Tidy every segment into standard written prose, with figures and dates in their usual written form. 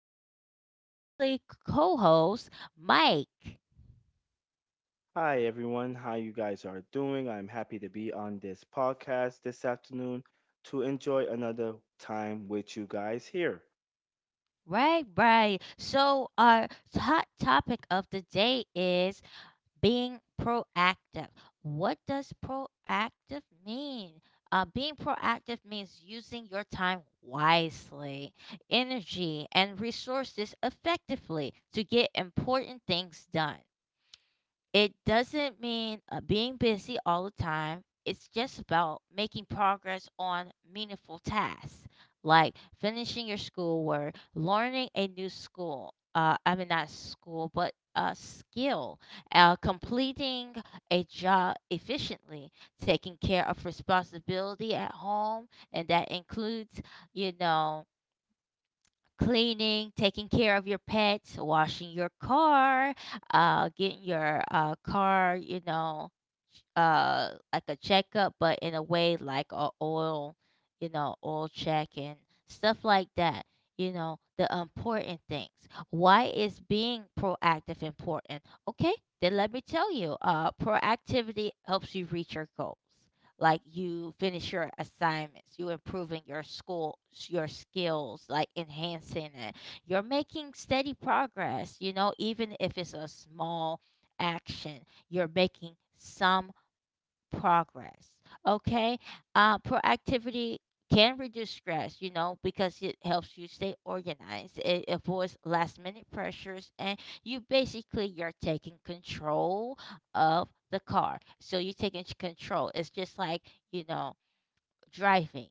then our lovely co host, Mike. Hi everyone, how you guys are doing? I'm happy to be on this podcast this afternoon to enjoy another time with you guys here. Right, right. So, our hot topic of the day is being proactive. What does proactive mean? Being proactive means using your time wisely, energy, and resources effectively to get important things done. It doesn't mean being busy all the time. It's just about making progress on meaningful tasks like finishing your schoolwork, learning a new school. I mean, not school, but a skill, completing a job efficiently, taking care of responsibility at home, and that includes, you know, cleaning, taking care of your pets, washing your car, getting your car, like a checkup, but in a way like a oil, oil check and stuff like that. The important things. Why is being proactive important? Okay, then let me tell you. Proactivity helps you reach your goals like you finish your assignments, you improving your school your skills, like enhancing it. You're making steady progress, even if it's a small action, you're making some progress. Okay. Proactivity can reduce stress, because it helps you stay organized. It avoids last minute pressures, and you basically you're taking control of the car. So you're taking control. It's just like you know driving.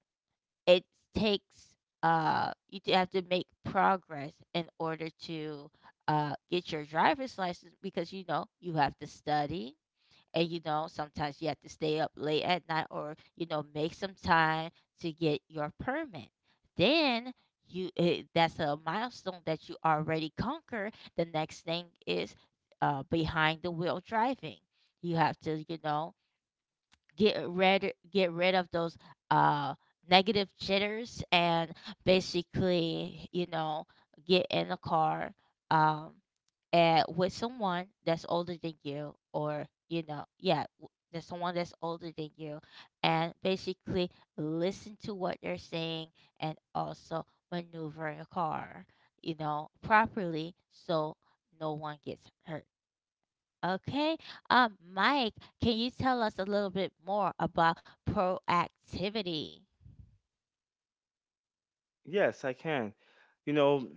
It takes you do have to make progress in order to get your driver's license, because you know you have to study, and you know sometimes you have to stay up late at night, or you know make some time to get your permit, then that's a milestone that you already conquer. The next thing is behind the wheel driving. You have to get rid of those uh negative jitters, and basically get in the car, um and with someone that's older than you, or yeah, there's someone that's older than you, and basically listen to what they're saying, and also maneuver a car, you know, properly so no one gets hurt. Okay. Mike, can you tell us a little bit more about proactivity? Yes, I can. You know,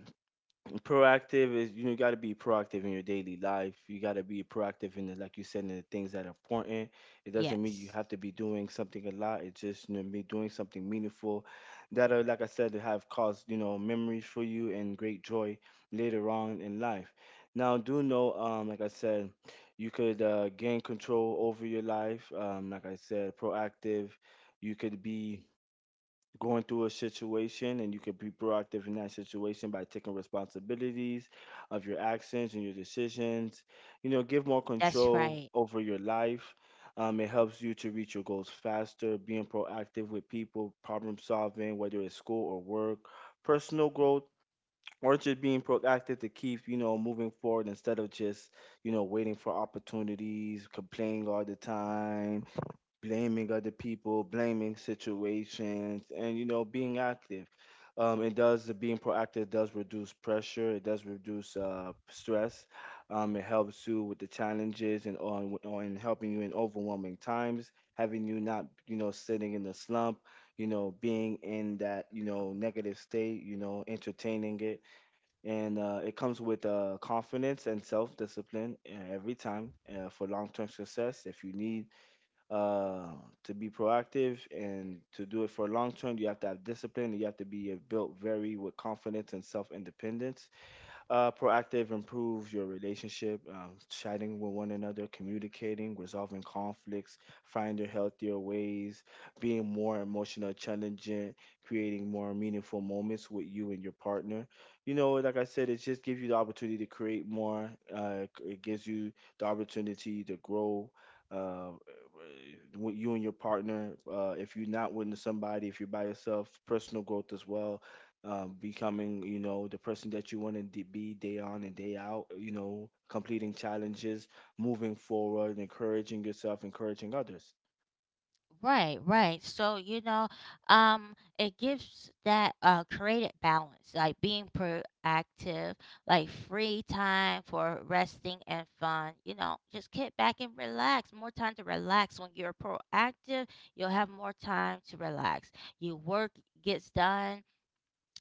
proactive is you know, you got to be proactive in your daily life. You got to be proactive in the, like you said in the things that are important. It doesn't mean you Yes, have to be doing something a lot. It's just you know be doing something meaningful that are like I said have caused you know memories for you and great joy later on in life. Now do know like I said you could gain control over your life. Like I said, proactive. You could be going through a situation and you can be proactive in that situation by taking responsibilities of your actions and your decisions you know give more that's control right. over your life. Um, it helps you to reach your goals faster being proactive with people problem solving whether it's school or work, personal growth, or just being proactive to keep you know moving forward instead of just you know waiting for opportunities, complaining all the time, blaming other people, blaming situations, and you know, being active. It does, being proactive does reduce pressure. It does reduce stress. It helps you with the challenges and on helping you in overwhelming times, having you not you know sitting in the slump, you know, being in that you know negative state, you know, entertaining it, and it comes with confidence and self discipline every time for long term success. If you need uh, to be proactive and to do it for long term, you have to have discipline. You have to be built very with confidence and self independence. Uh, proactive improves your relationship, chatting with one another, communicating, resolving conflicts, finding healthier ways, being more emotional challenging, creating more meaningful moments with you and your partner. You know, like I said, it just gives you the opportunity to create more. It gives you the opportunity to grow. Uh, with you and your partner, if you're not with somebody, if you're by yourself, personal growth as well. Uh, becoming, you know, the person that you want to be day on and day out, you know, completing challenges, moving forward, encouraging yourself, encouraging others. Right, right. So, you know, it gives that created balance, like being proactive, like free time for resting and fun. You know, just get back and relax. More time to relax. When you're proactive, you'll have more time to relax. Your work gets done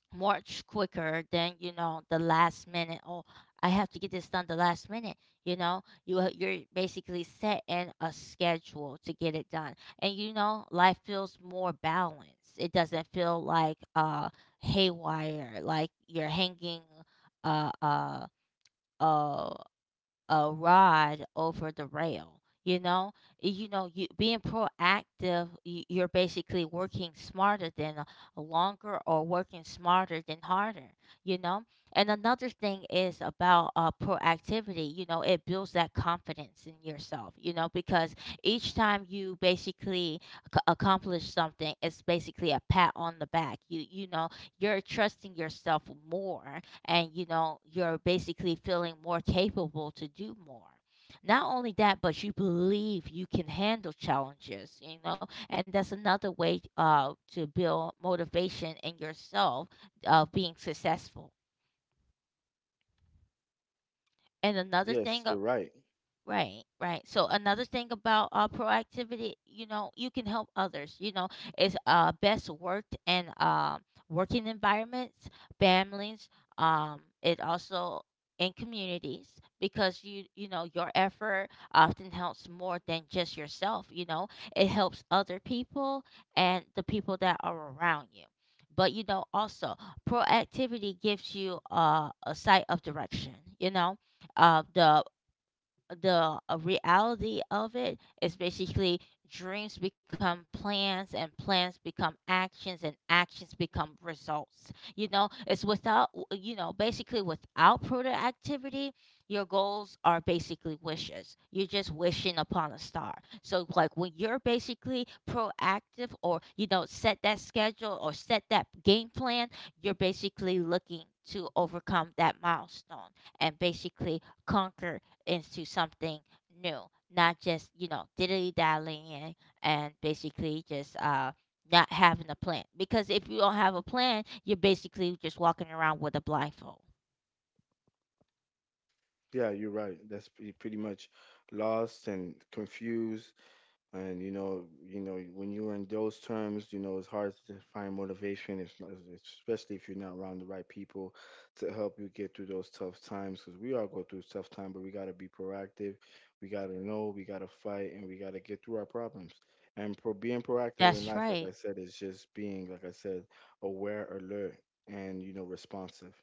much quicker than, you know, the last minute, oh, I have to get this done the last minute. You know, you're basically set in a schedule to get it done. And you know life feels more balanced. It doesn't feel like haywire, like you're hanging uh uh uh a rod over the rail, you know. You know, you being proactive, you're basically working smarter than longer, or working smarter than harder. You know, and another thing is about proactivity, you know, it builds that confidence in yourself, you know, because each time you basically accomplish something, it's basically a pat on the back. You know, you're trusting yourself more, and you know you're basically feeling more capable to do more. Not only that, but you believe you can handle challenges, you know, and that's another way to build motivation in yourself of being successful. And another thing, Yes, you're right. right, right. So another thing about proactivity, you know, you can help others. You know, it's best worked in working environments, families. It also in communities, because you know your effort often helps more than just yourself. You know, it helps other people and the people that are around you. But you know, also proactivity gives you a sight of direction. You know, uh, the the reality of it is basically dreams become plans, and plans become actions, and actions become results. You know, it's without, you know, basically without product activity, your goals are basically wishes. You're just wishing upon a star. So, like, when you're basically proactive, or you know, set that schedule or set that game plan, you're basically looking to overcome that milestone and basically conquer into something new, not just, you know, diddly dallying in, and basically just not having a plan. Because if you don't have a plan, you're basically just walking around with a blindfold. Yeah, you're right. That's pretty much lost and confused, and you know when you're in those terms you know it's hard to find motivation if, especially if you're not around the right people to help you get through those tough times because we all go through tough time but we got to be proactive, we got to know, we got to fight and we got to get through our problems. And being proactive in That's life like right. I said is just being like I said aware, alert, and you know responsive.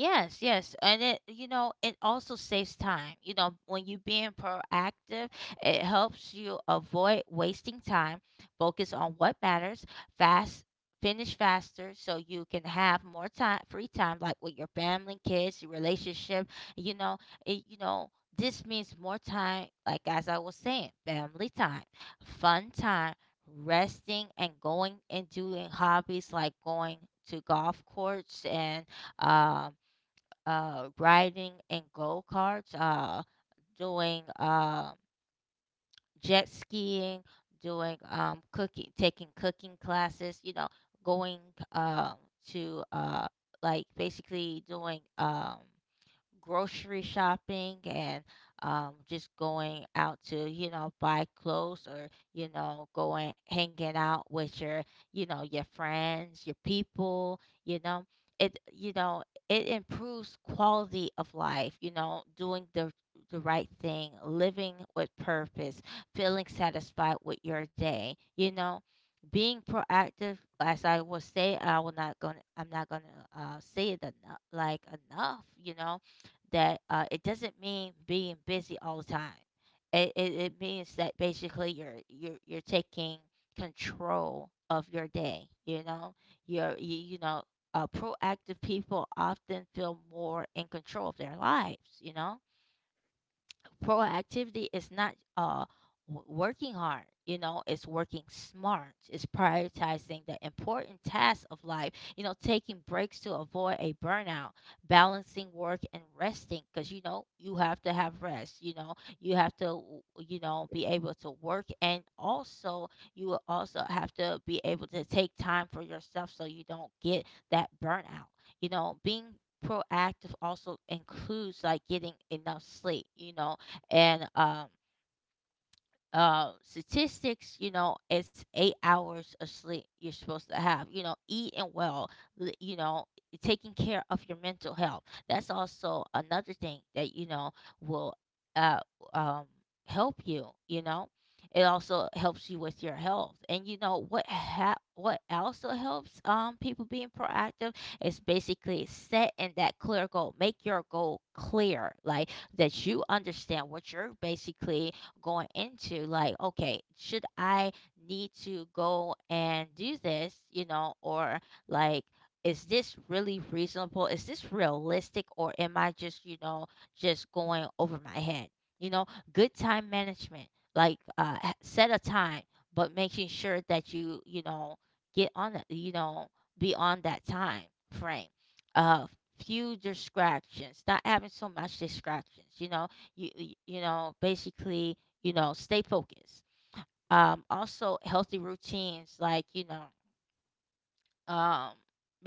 Yes, yes. And it, you know, it also saves time. You know, when you being proactive, it helps you avoid wasting time, focus on what matters, fast, finish faster so you can have more time, free time, like with your family, kids, your relationship. You know, it, you know, this means more time, like as I was saying, family time, fun time, resting and going and doing hobbies like going to golf courts, and um riding in go karts, doing, jet skiing, doing, cooking, taking cooking classes. You know, going, um, to, like basically doing, grocery shopping, and, just going out to you know buy clothes, or you know going hanging out with your, you know, your friends, your people, you know, it, you know, it improves quality of life, you know, doing the right thing, living with purpose, feeling satisfied with your day, you know, being proactive. As I will say, I will not gonna, I'm not gonna say it enough, like enough, you know, that it doesn't mean being busy all the time. It means that basically you're taking control of your day. You know, you're you, you know, proactive people often feel more in control of their lives. You know, proactivity is not working hard, you know, it's working smart. It's prioritizing the important tasks of life, you know, taking breaks to avoid a burnout, balancing work and resting, because you know you have to have rest. You know, you have to, you know, be able to work, and also you will also have to be able to take time for yourself so you don't get that burnout. You know, being proactive also includes, like, getting enough sleep, you know, and statistics, you know, it's 8 hours of sleep you're supposed to have. You know, eating well, you know, taking care of your mental health. That's also another thing that you know will uh, um, help you. You know, it also helps you with your health. And you know what what also helps people being proactive is basically setting that clear goal. Make your goal clear, like that you understand what you're basically going into. Like, okay, should I need to go and do this, you know, or, like, is this really reasonable? Is this realistic? Or am I just, you know, just going over my head? You know, good time management, like, set a time, but making sure that you know, get on that, you know, be on that time frame, uh few distractions, not having so much distractions, you know, you know basically, you know, stay focused. Also, healthy routines, like, you know, um,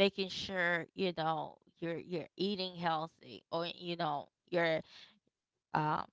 making sure, you know, you're eating healthy, or, you know, you're, um,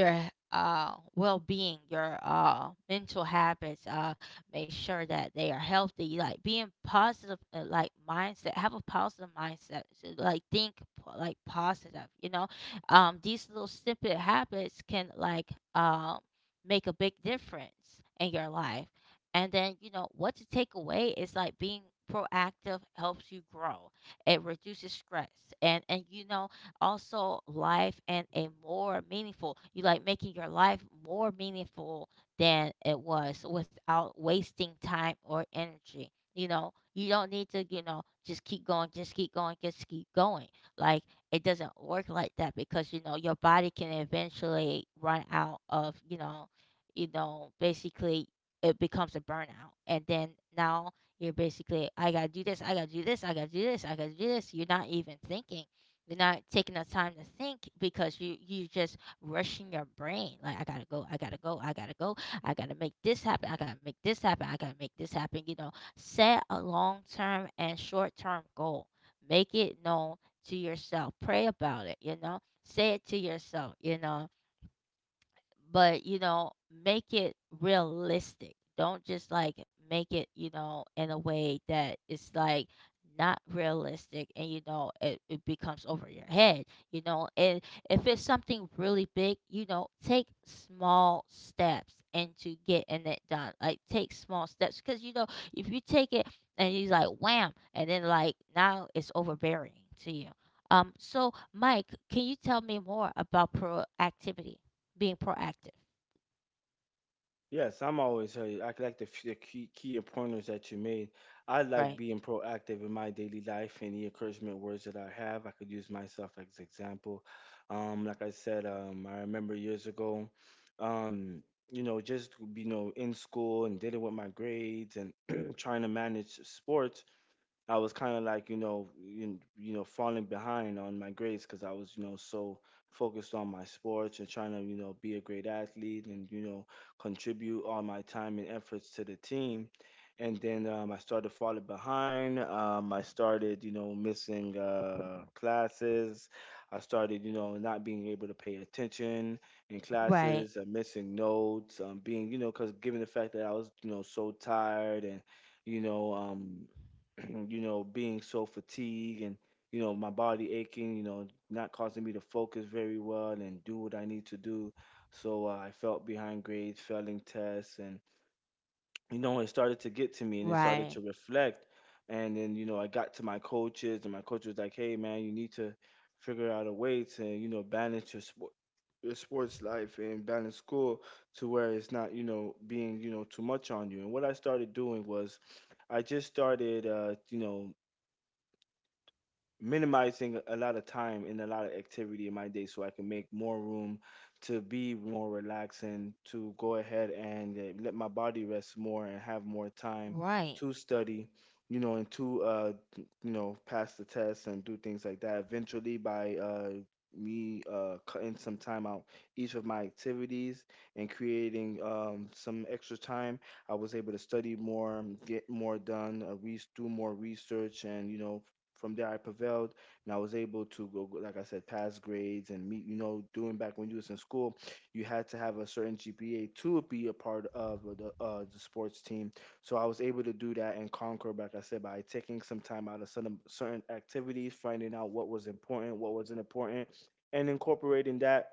your well-being, your mental habits, make sure that they are healthy, like being positive, like mindset, have a positive mindset. So, like, think, like, positive, you know. These little stupid habits can, like, make a big difference in your life. And then you know what to take away is, like, being proactive helps you grow. It reduces stress, and you know also life and a more meaningful you, like making your life more meaningful than it was, without wasting time or energy. You know, you don't need to, you know, just keep going, just keep going, just keep going. Like, it doesn't work like that, because you know your body can eventually run out of, you know, you know, basically it becomes a burnout, and then now you're basically, I gotta do this, I gotta do this, I gotta do this, I gotta do this. You're not even thinking. You're not taking the time to think, because you just rushing your brain. Like, I gotta go, I gotta go, I gotta go, I gotta make this happen, I gotta make this happen, I gotta make this happen. You know, set a long term and short term goal. Make it known to yourself. Pray about it, you know. Say it to yourself, you know but you know make it realistic. Don't just like make it in a way that it's like not realistic and you know it, it becomes over your head, and if it's something really big, take small steps into getting it done. Like take small steps because if you take it and you like wham and then like now it's overbearing to you. So Mike, can you tell me more about proactivity, being proactive. Yes, I'm always hey, I like the, the key pointers that you made. I like Right. being proactive in my daily life. Any encouragement words that I have, I could use myself as example. Like I said, I remember years ago, um, you know, just you know, in school and dealing with my grades and trying to manage sports. I was kind of like you know you know falling behind on my grades because I was you know so focused on my sports and trying to you know be a great athlete and you know contribute all my time and efforts to the team, and then I started falling behind. I started you know missing classes. I started you know not being able to pay attention in classes, Right, missing notes, being you know because given the fact that I was you know so tired and you know, you know, being so fatigued and, you know, my body aching, you know, not causing me to focus very well and do what I need to do. So I felt behind grades, failing tests, and, you know, it started to get to me and it started right, to reflect. And then, you know, I got to my coaches and my coach was like, hey, man, you need to figure out a way to, you know, balance your sport. Your sports life and balance school to where it's not, you know, being, you know, too much on you. And what I started doing was I just started, you know, minimizing a lot of time and a lot of activity in my day so I can make more room to be more relaxing, to go ahead and let my body rest more and have more time right, to study, you know, and to, you know, pass the tests and do things like that. Eventually, by me cutting some time out each of my activities and creating some extra time, I was able to study more, get more done, do more research, and, you know, from there, I prevailed, and I was able to like I said, pass grades and meet. You know, doing back when you was in school, you had to have a certain GPA to be a part of the sports team. So I was able to do that and conquer, like I said, by taking some time out of certain activities, finding out what was important, what wasn't important, and incorporating that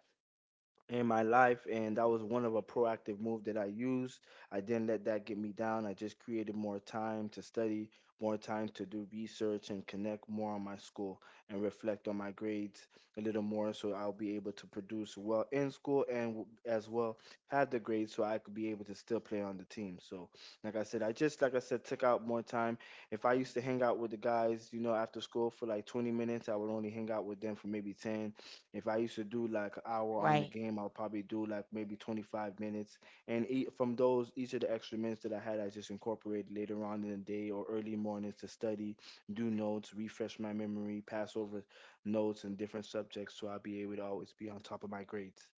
in my life, and that was one of a proactive move that I used. I didn't let that get me down. I just created more time to study, more time to do research and connect more on my school and reflect on my grades a little more so I'll be able to produce well in school and as well have the grades so I could be able to still play on the team. So like I said, I just like I said took out more time. If I used to hang out with the guys, you know, after school for like 20 minutes, I would only hang out with them for maybe 10. If I used to do like an hour on the right. game, I'll probably do like maybe 25 minutes. And from those, each of the extra minutes that I had, I just incorporated later on in the day or early mornings to study, do notes, refresh my memory, pass over notes and different subjects so I'll be able to always be on top of my grades.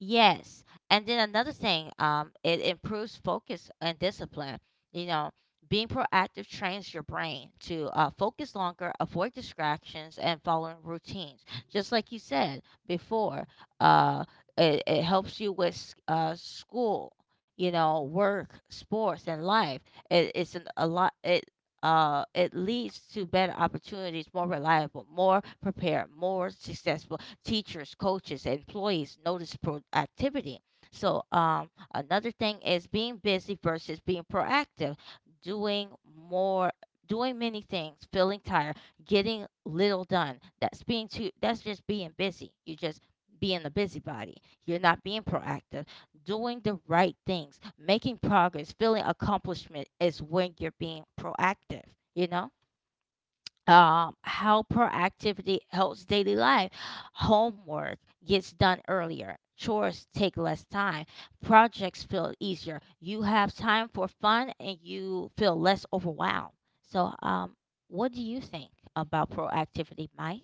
Yes. And then another thing, it improves focus and discipline. You know, being proactive trains your brain to focus longer, avoid distractions, and following routines. Just like you said before, uh, it helps you with school. You know, work, sports, and life. It's a lot. It leads to better opportunities, more reliable, more prepared, more successful. Teachers, coaches, employees notice productivity. So, another thing is being busy versus being proactive, doing more, doing many things, feeling tired, getting little done. That's just being busy. You're just being a busybody. You're not being proactive. Doing the right things, making progress, feeling accomplishment is when you're being proactive, you know? How proactivity helps daily life. Homework gets done earlier, chores take less time, projects feel easier. You have time for fun and you feel less overwhelmed. So, what do you think about proactivity, Mike?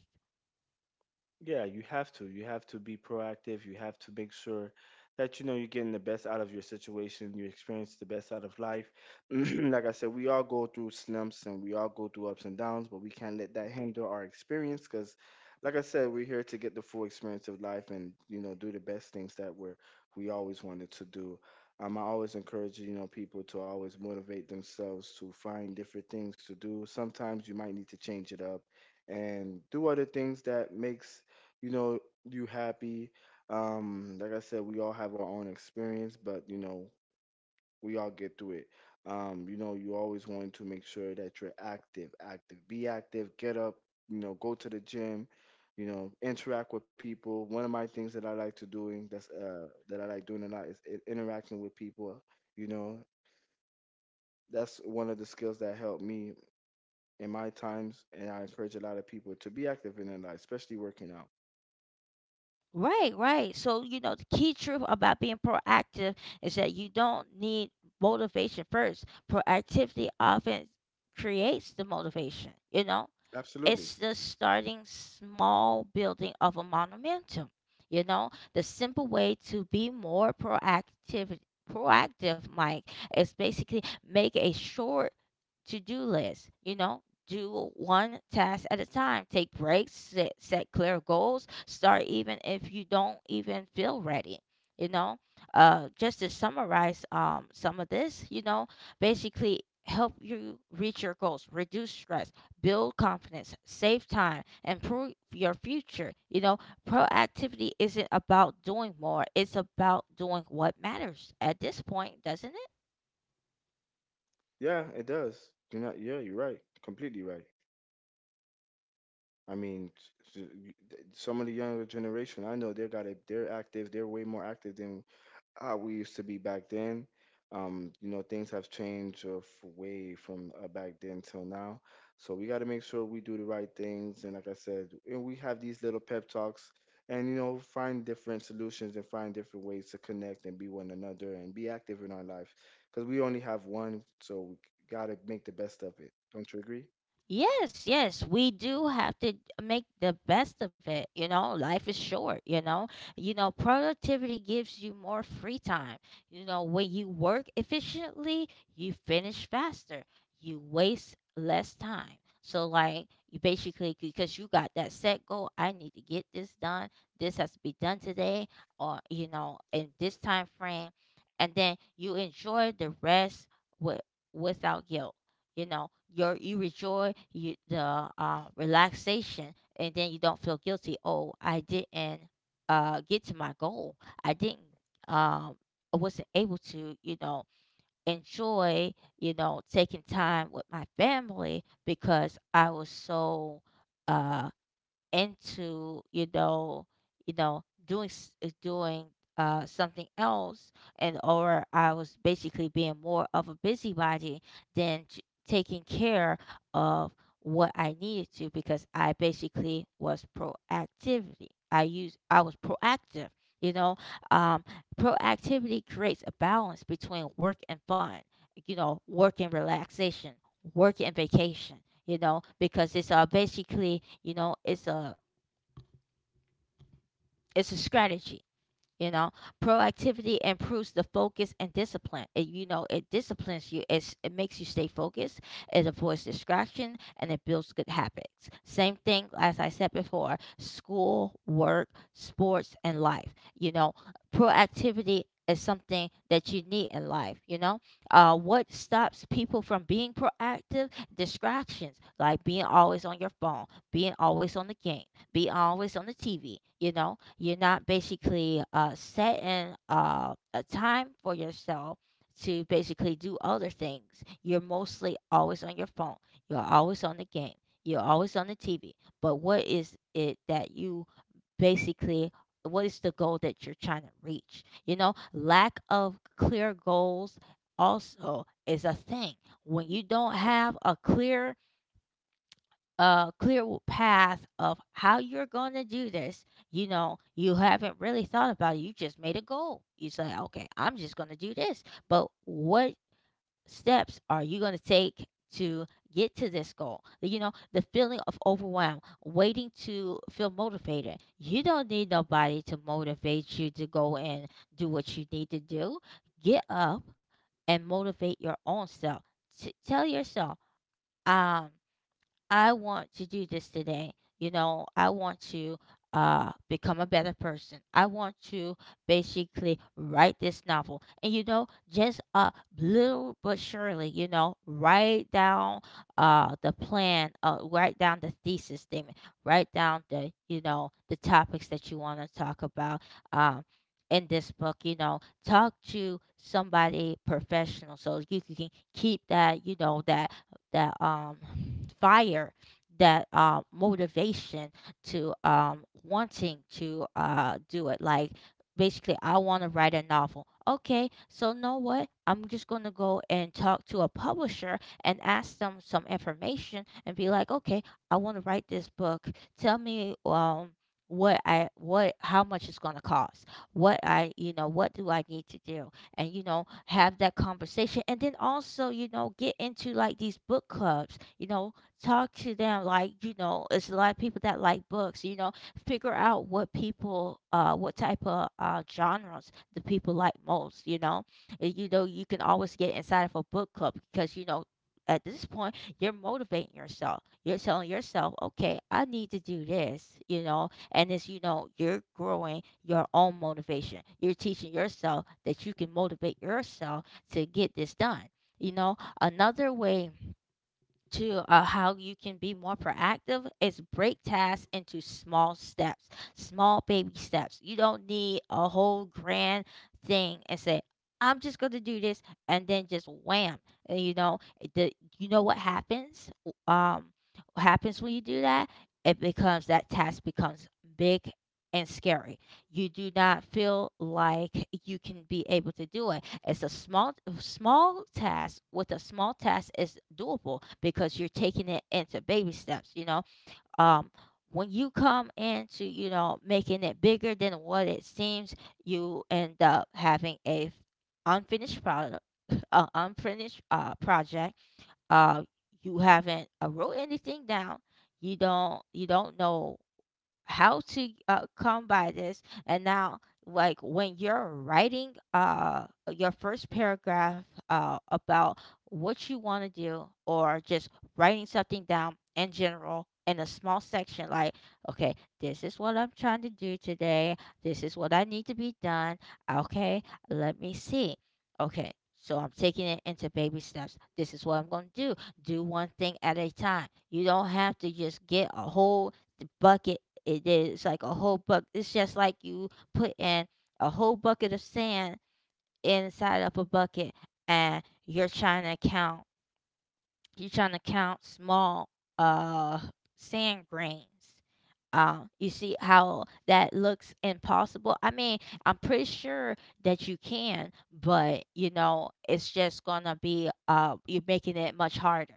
Yeah, you have to. You have to be proactive. You have to make sure that you know you're getting the best out of your situation, you experience the best out of life. Like I said, we all go through slumps and we all go through ups and downs, but we can't let that hinder our experience because, like I said, we're here to get the full experience of life and, you know, do the best things that we're we always wanted to do. I always encourage, you know, people to always motivate themselves to find different things to do. Sometimes you might need to change it up and do other things that makes you know you happy. Like I said, we all have our own experience, but you know we all get through it. You know you always want to make sure that you're active, be active, get up, you know, go to the gym, you know, interact with people. One of my things that I like to doing that's that I like doing a lot is interacting with people, you know. That's one of the skills that helped me in my times, and I encourage a lot of people to be active in their life, especially working out. Right, right. So, you know, the key truth about being proactive is that you don't need motivation first. Proactivity often creates the motivation, you know? Absolutely. It's the starting small building of a momentum. You know, the simple way to be more proactive, Mike, is basically make a short to-do list, you know. Do one task at a time. Take breaks, set clear goals, start even if you don't even feel ready. You know, just to summarize some of this, you know, basically help you reach your goals, reduce stress, build confidence, save time, improve your future. You know, proactivity isn't about doing more, it's about doing what matters at this point, doesn't it? Yeah, it does. You're not, yeah, you're right. Completely right. I mean, some of the younger generation I know they're got it. They're active. They're way more active than how we used to be back then. You know, things have changed way from back then till now. So we got to make sure we do the right things. And like I said, and we have these little pep talks, and you know, find different solutions and find different ways to connect and be one another and be active in our life because we only have one, so we got to make the best of it. Don't you agree? Yes, yes, we do have to make the best of it. You know, life is short, you know. You know, productivity gives you more free time. You know, when you work efficiently, you finish faster. You waste less time. So like you basically because you got that set goal, I need to get this done. This has to be done today or you know, in this time frame, and then you enjoy the rest, with without guilt, you know. Your you enjoy you the relaxation and then you don't feel guilty. Oh, I didn't get to my goal. I didn't, um, I wasn't able to, you know, enjoy, you know, taking time with my family because I was so uh, into, you know, you know, doing doing something else. And or I was basically being more of a busybody than taking care of what I needed to because I basically was proactivity. I was proactive. You know, um, proactivity creates a balance between work and fun. You know, work and relaxation, work and vacation, you know, because it's basically, you know, it's a, it's a strategy. You know, proactivity improves the focus and discipline. It, you know, it disciplines you. It makes you stay focused. It avoids distraction and it builds good habits. Same thing as I said before: school, work, sports, and life. You know, proactivity is something that you need in life. You know, what stops people from being proactive? Distractions, like being always on your phone, being always on the game, be always on the TV. You know, you're not basically setting a time for yourself to basically do other things. You're mostly always on your phone. You're always on the game. You're always on the TV. But what is it that you basically, what is the goal that you're trying to reach? You know, lack of clear goals also is a thing. When you don't have a clear path of how you're going to do this. You know, you haven't really thought about it. You just made a goal. You say, okay, I'm just going to do this. But what steps are you going to take to get to this goal? You know, the feeling of overwhelm, waiting to feel motivated. You don't need nobody to motivate you to go and do what you need to do. Get up and motivate your own self. Tell yourself, um, I want to do this today. You know, I want to become a better person. I want to basically write this novel. And you know, just little but surely, you know, write down the plan, write down the thesis statement, write down the, you know, the topics that you want to talk about. Um in this book, you know, talk to somebody professional so you can keep that, you know, that that um fire, that motivation to wanting to do it. Like basically, I want to write a novel. Okay, so know what, I'm just going to go and talk to a publisher and ask them some information and be like, okay, I want to write this book. Tell me, what I, what, how much it's going to cost, what I, you know, what do I need to do. And you know, have that conversation and then also, you know, get into like these book clubs, you know, talk to them. Like, you know, it's a lot of people that like books, you know. Figure out what people, what type of genres the people like most, you know. You know, you can always get inside of a book club because you know at this point you're motivating yourself. You're telling yourself, okay, I need to do this, you know. And it's, you know, you're growing your own motivation. You're teaching yourself that you can motivate yourself to get this done. You know, another way to how you can be more proactive is break tasks into small steps, small baby steps. You don't need a whole grand thing and say, I'm just going to do this, and then just wham. And you know, the, you know what happens? Um, what happens when you do that? It becomes that task becomes big and scary. You do not feel like you can be able to do it. It's a small task. With a small task is doable because you're taking it into baby steps, you know. Um when you come into, you know, making it bigger than what it seems, you end up having a unfinished product, unfinished project. Uh you haven't wrote anything down. You don't know how to come by this. And now like when you're writing your first paragraph about what you want to do, or just writing something down in general in a small section, like, okay, this is what I'm trying to do today. This is what I need to be done. Okay, let me see. Okay, so I'm taking it into baby steps. This is what I'm going to do. Do one thing at a time. You don't have to just get a whole bucket. It is like a whole buck. It's just like you put in a whole bucket of sand inside of a bucket and you're trying to count, you're trying to count small uh sand grains. You see how that looks impossible? I mean, I'm pretty sure that you can, but you know, it's just gonna be you're making it much harder.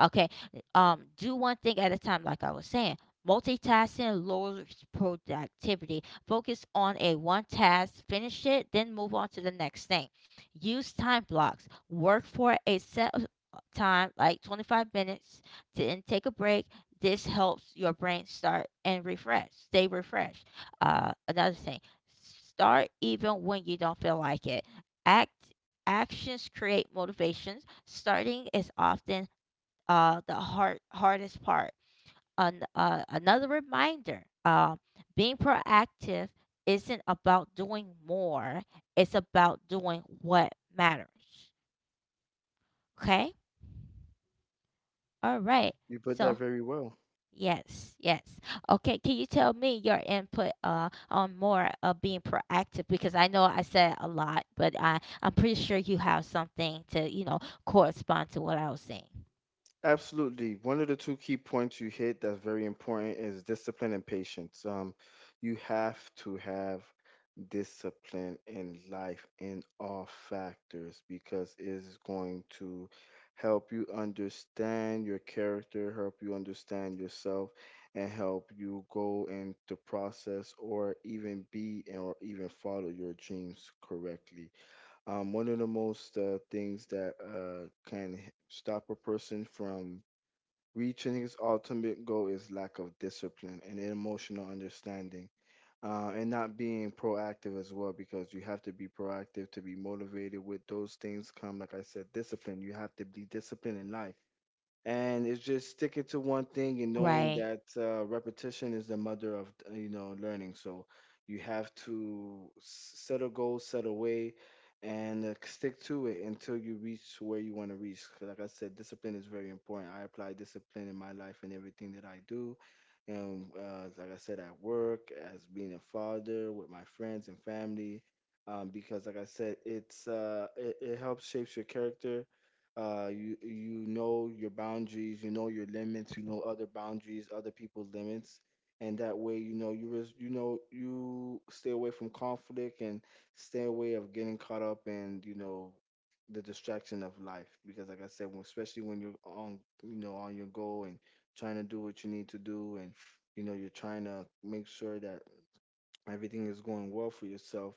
Okay. Do one thing at a time, like I was saying. Multitasking lowers productivity. Focus on a one task, finish it, then move on to the next thing. Use time blocks. Work for a set time, like 25 minutes, to then take a break. This helps your brain start and refresh, stay refreshed. Another thing, start even when you don't feel like it. Act actions create motivations. Starting is often the hardest part. Another reminder: being proactive isn't about doing more; it's about doing what matters. Okay. All right. You put So that very well. yes, yes. Okay, can you tell me your input on more of being proactive? Because I know I said a lot, but I'm pretty sure you have something to, you know, correspond to what I was saying. Absolutely. One of the two key points you hit that's very important is discipline and patience. You have to have discipline in life in all factors because it is going to help you understand your character, help you understand yourself, and help you go into process or even be or even follow your dreams correctly. One of the most things that can stop a person from reaching his ultimate goal is lack of discipline and emotional understanding, and not being proactive as well, because you have to be proactive to be motivated with those things come, like I said, discipline. You have to be disciplined in life, and it's just sticking to one thing and knowing Right. that repetition is the mother of learning. So you have to set a goal, set a way, and stick to it until you reach where you want to reach. 'Cause like I said, discipline is very important. I apply discipline in my life and everything that I do, and like I said, at work, as being a father, with my friends and family. Because like I said, it helps shapes your character. You know your boundaries, you know your limits, you know other boundaries, other people's limits, and that way, you know, you know you stay away from conflict and stay away of getting caught up in, you know, the distraction of life. Because like I said, especially when you're on, you know, on your goal and trying to do what you need to do, and you know you're trying to make sure that everything is going well for yourself,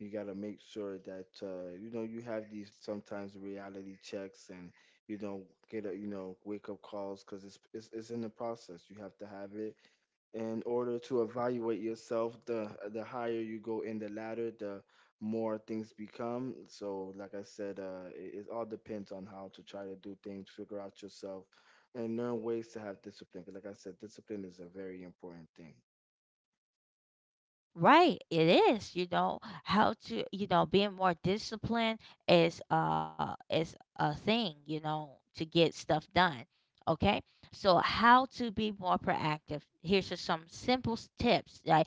you got to make sure that you know you have these sometimes reality checks, and you know, get a, you know, wake up calls, because it's in the process. You have to have it in order to evaluate yourself. The higher you go in the ladder, the more things become. So like I said, it all depends on how to try to do things, figure out yourself, and learn ways to have discipline. 'Cause like I said, discipline is a very important thing. Right, it is. You know how to. You know, being more disciplined is a thing. You know, to get stuff done. Okay, so how to be more proactive? Here's just some simple tips. Like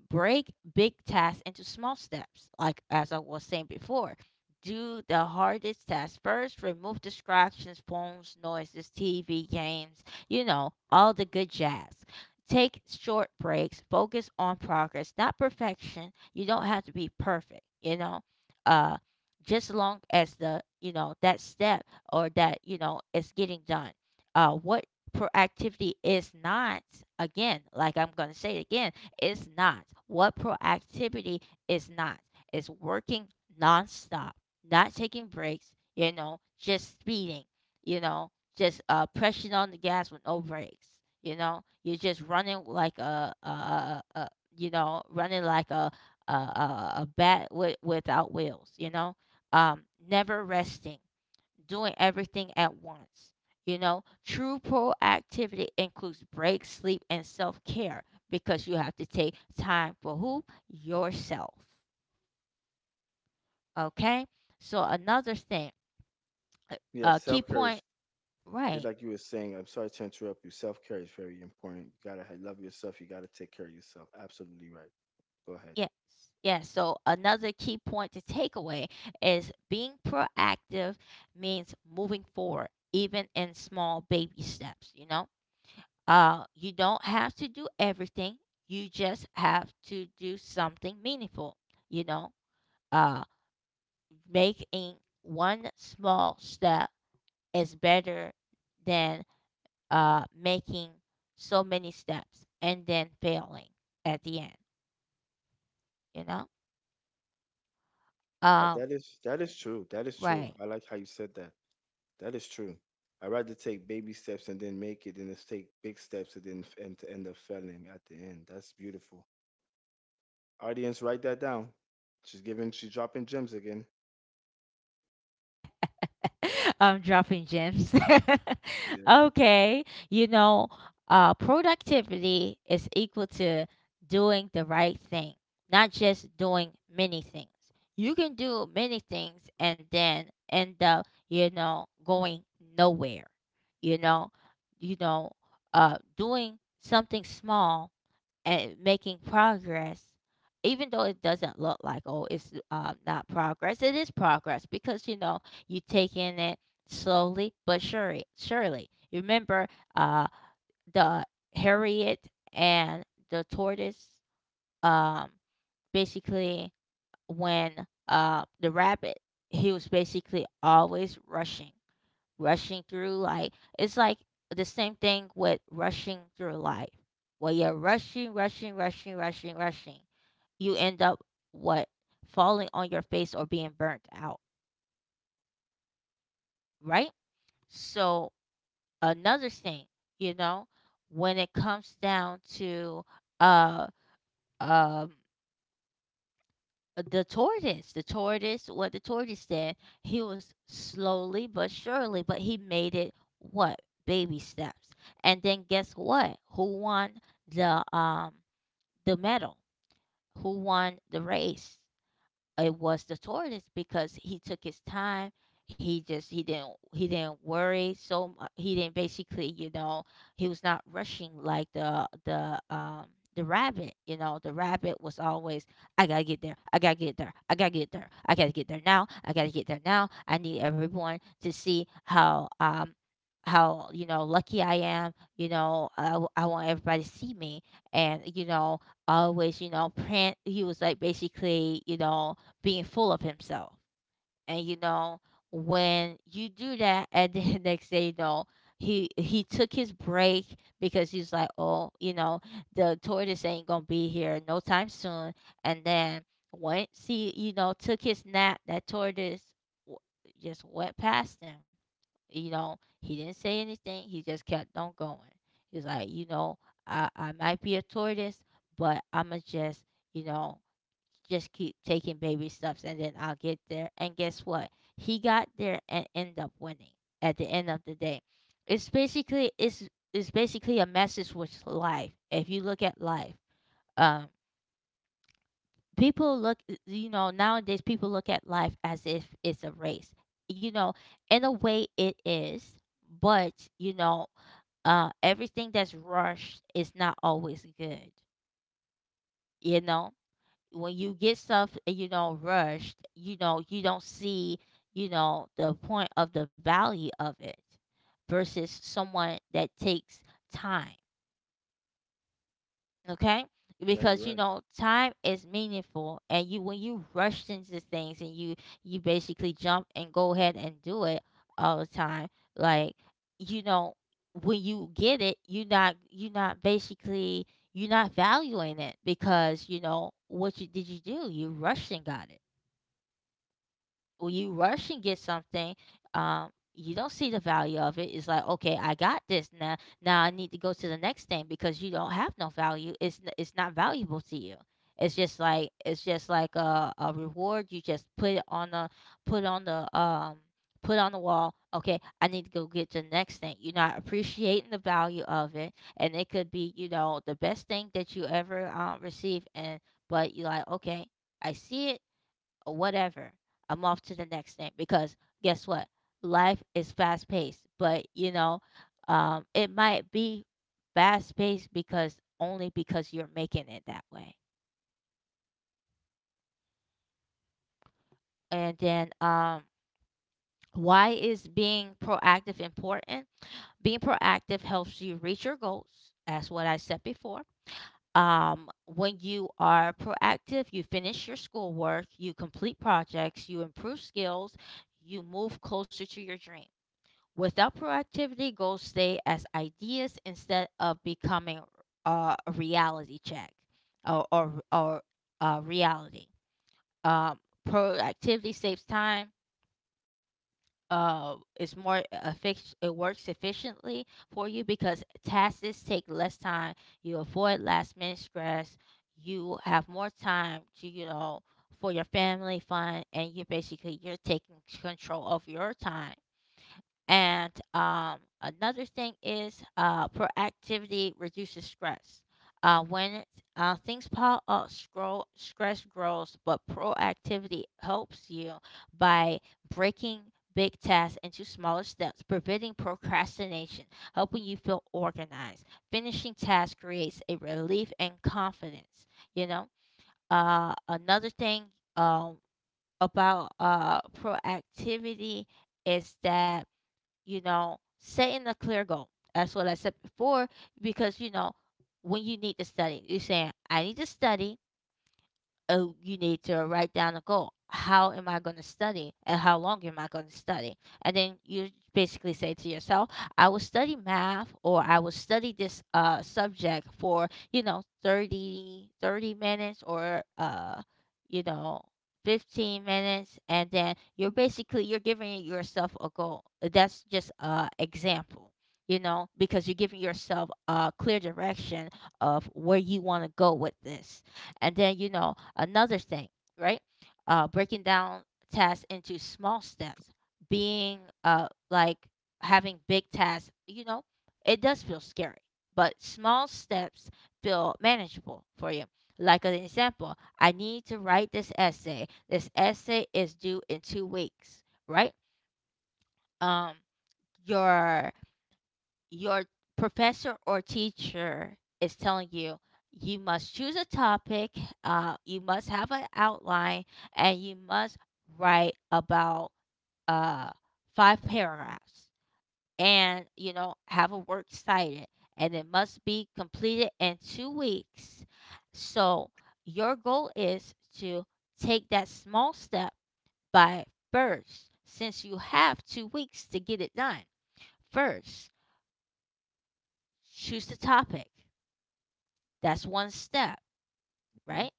break big tasks into small steps, like as I was saying before. Do the hardest tasks first, remove distractions, phones, noises, TV, games, you know, all the good jazz. Take short breaks, focus on progress, not perfection. You don't have to be perfect, you know. Uh just long as that step or that is getting done. What proactivity is not, again, like I'm gonna say it again is not. What proactivity is not. It's working nonstop, not taking breaks, just speeding, just pressing on the gas with no brakes. You're just running like a running like a bat without wheels, um, never resting, doing everything at once. True proactivity includes breaks, sleep, and self care because you have to take time for who? Yourself. Okay? So, another thing, a Yeah, a key self care is point, just right? like you were saying, I'm sorry to interrupt you. Self care is very important. You gotta love yourself. You gotta take care of yourself. Absolutely right. Go ahead. Yes. Yes. So, another key point to take away is being proactive means moving forward, even in small baby steps, you know? You don't have to do everything. You just have to do something meaningful. You know, uh, Making one small step is better than making so many steps and then failing at the end. You know, Uh, um, That is that is true. That is true. right. I like how you said that. That is true. I'd rather take baby steps and then make it than just take big steps and then f- and to end up failing at the end. That's beautiful. Audience, write that down. She's giving. She's dropping gems again. I'm dropping gems. Yeah. Okay. Productivity is equal to doing the right thing, not just doing many things. You can do many things and then end up, going nowhere. You know, you know, Doing something small and making progress, even though it doesn't look like, oh, it's not progress, it is progress because, you take in it slowly but surely. Surely. You Remember uh, the Harriet and the tortoise, um, basically, when the rabbit, he was basically always rushing through, like it's like the same thing with rushing through life. When you're rushing, rushing, rushing, rushing, rushing, you end up what? Falling on your face or being burnt out, right? So another thing, you know, when it comes down to uh um the tortoise, what the tortoise did, he was slowly but surely, but he made it what? Baby steps. And then guess what? Who won the um the medal? Who won the race? It was the tortoise because he took his time. He didn't worry so he didn't basically, he was not rushing like the rabbit. The rabbit was always, I gotta get there, I gotta get there, I gotta get there, I gotta get there now, I gotta get there now. I need everyone to see how how lucky I am. I want everybody to see me, and always, print. He was like basically, being full of himself. And when you do that, and then the next day, he took his break because he's like, oh, the tortoise ain't gonna be here no time soon. And then once he, took his nap, that tortoise w- just went past him. He didn't say anything. He just kept on going. He's like, I might be a tortoise, but I'ma just, you know, just keep taking baby steps and then I'll get there. And guess what? He got there and end up winning at the end of the day. It's basically a message with life. If you look at life, um people look you know, nowadays people look at life as if it's a race. You know, in a way it is, but everything that's rushed is not always good. You know? When you get stuff and you don't rush, you don't see, the point of the value of it versus someone that takes time. Okay? Yeah, you're Because right. Time is meaningful, and you when you rush into things, and you basically jump and go ahead and do it all the time, like, you know, when you get it, you're not valuing it, because what you did, you do, you rushed and got it. When you rush and get something, you don't see the value of it. It's like, okay, I got this now. Now I need to go to the next thing because you don't have no value. It's not valuable to you. It's just like a reward. You just put it on the put on the put on the wall. Okay, I need to go get the next thing. You're not appreciating the value of it, and it could be the best thing that you ever receive. And but you're like, okay, I see it or whatever. I'm off to the next thing because guess what? Life is fast paced, but it might be fast paced because only because you're making it that way. And then, why is being proactive important? Being proactive helps you reach your goals. That's what I said before. When you are proactive, you finish your schoolwork, you complete projects, you improve skills, you move closer to your dreams. Without proactivity, goals stay as ideas instead of becoming a reality check or reality. Um, Proactivity saves time. It works efficiently for you because tasks take less time. You avoid last minute stress. You have more time to you know for your family fun, and you're taking control of your time. And another thing is proactivity reduces stress. When things pile up, scroll, stress grows, but proactivity helps you by breaking big tasks into smaller steps, preventing procrastination, helping you feel organized. Finishing tasks creates a relief and confidence. You know, Another thing um, about proactivity is that, setting a clear goal. That's what I said before, because when you need to study, you're saying, I need to study. Oh, you need to write down a goal. How am I going to study and how long am I going to study? And then you basically say to yourself, I will study math or I will study this subject for, thirty minutes, or you know, 15 minutes. And then you're giving yourself a goal. That's just a example, because you're giving yourself a clear direction of where you want to go with this. And then, another thing, right? Breaking down tasks into small steps, being like having big tasks, it does feel scary, but small steps feel manageable for you. Like an example, I need to write this essay. This essay is due in 2 weeks, right? Um, your your professor or teacher is telling you you must choose a topic, you must have an outline, and you must write about uh, five paragraphs, and have a work cited, and it must be completed in 2 weeks. So your goal is to take that small step by, first, since you have 2 weeks to get it done, first choose the topic. That's one step, Mhm. right?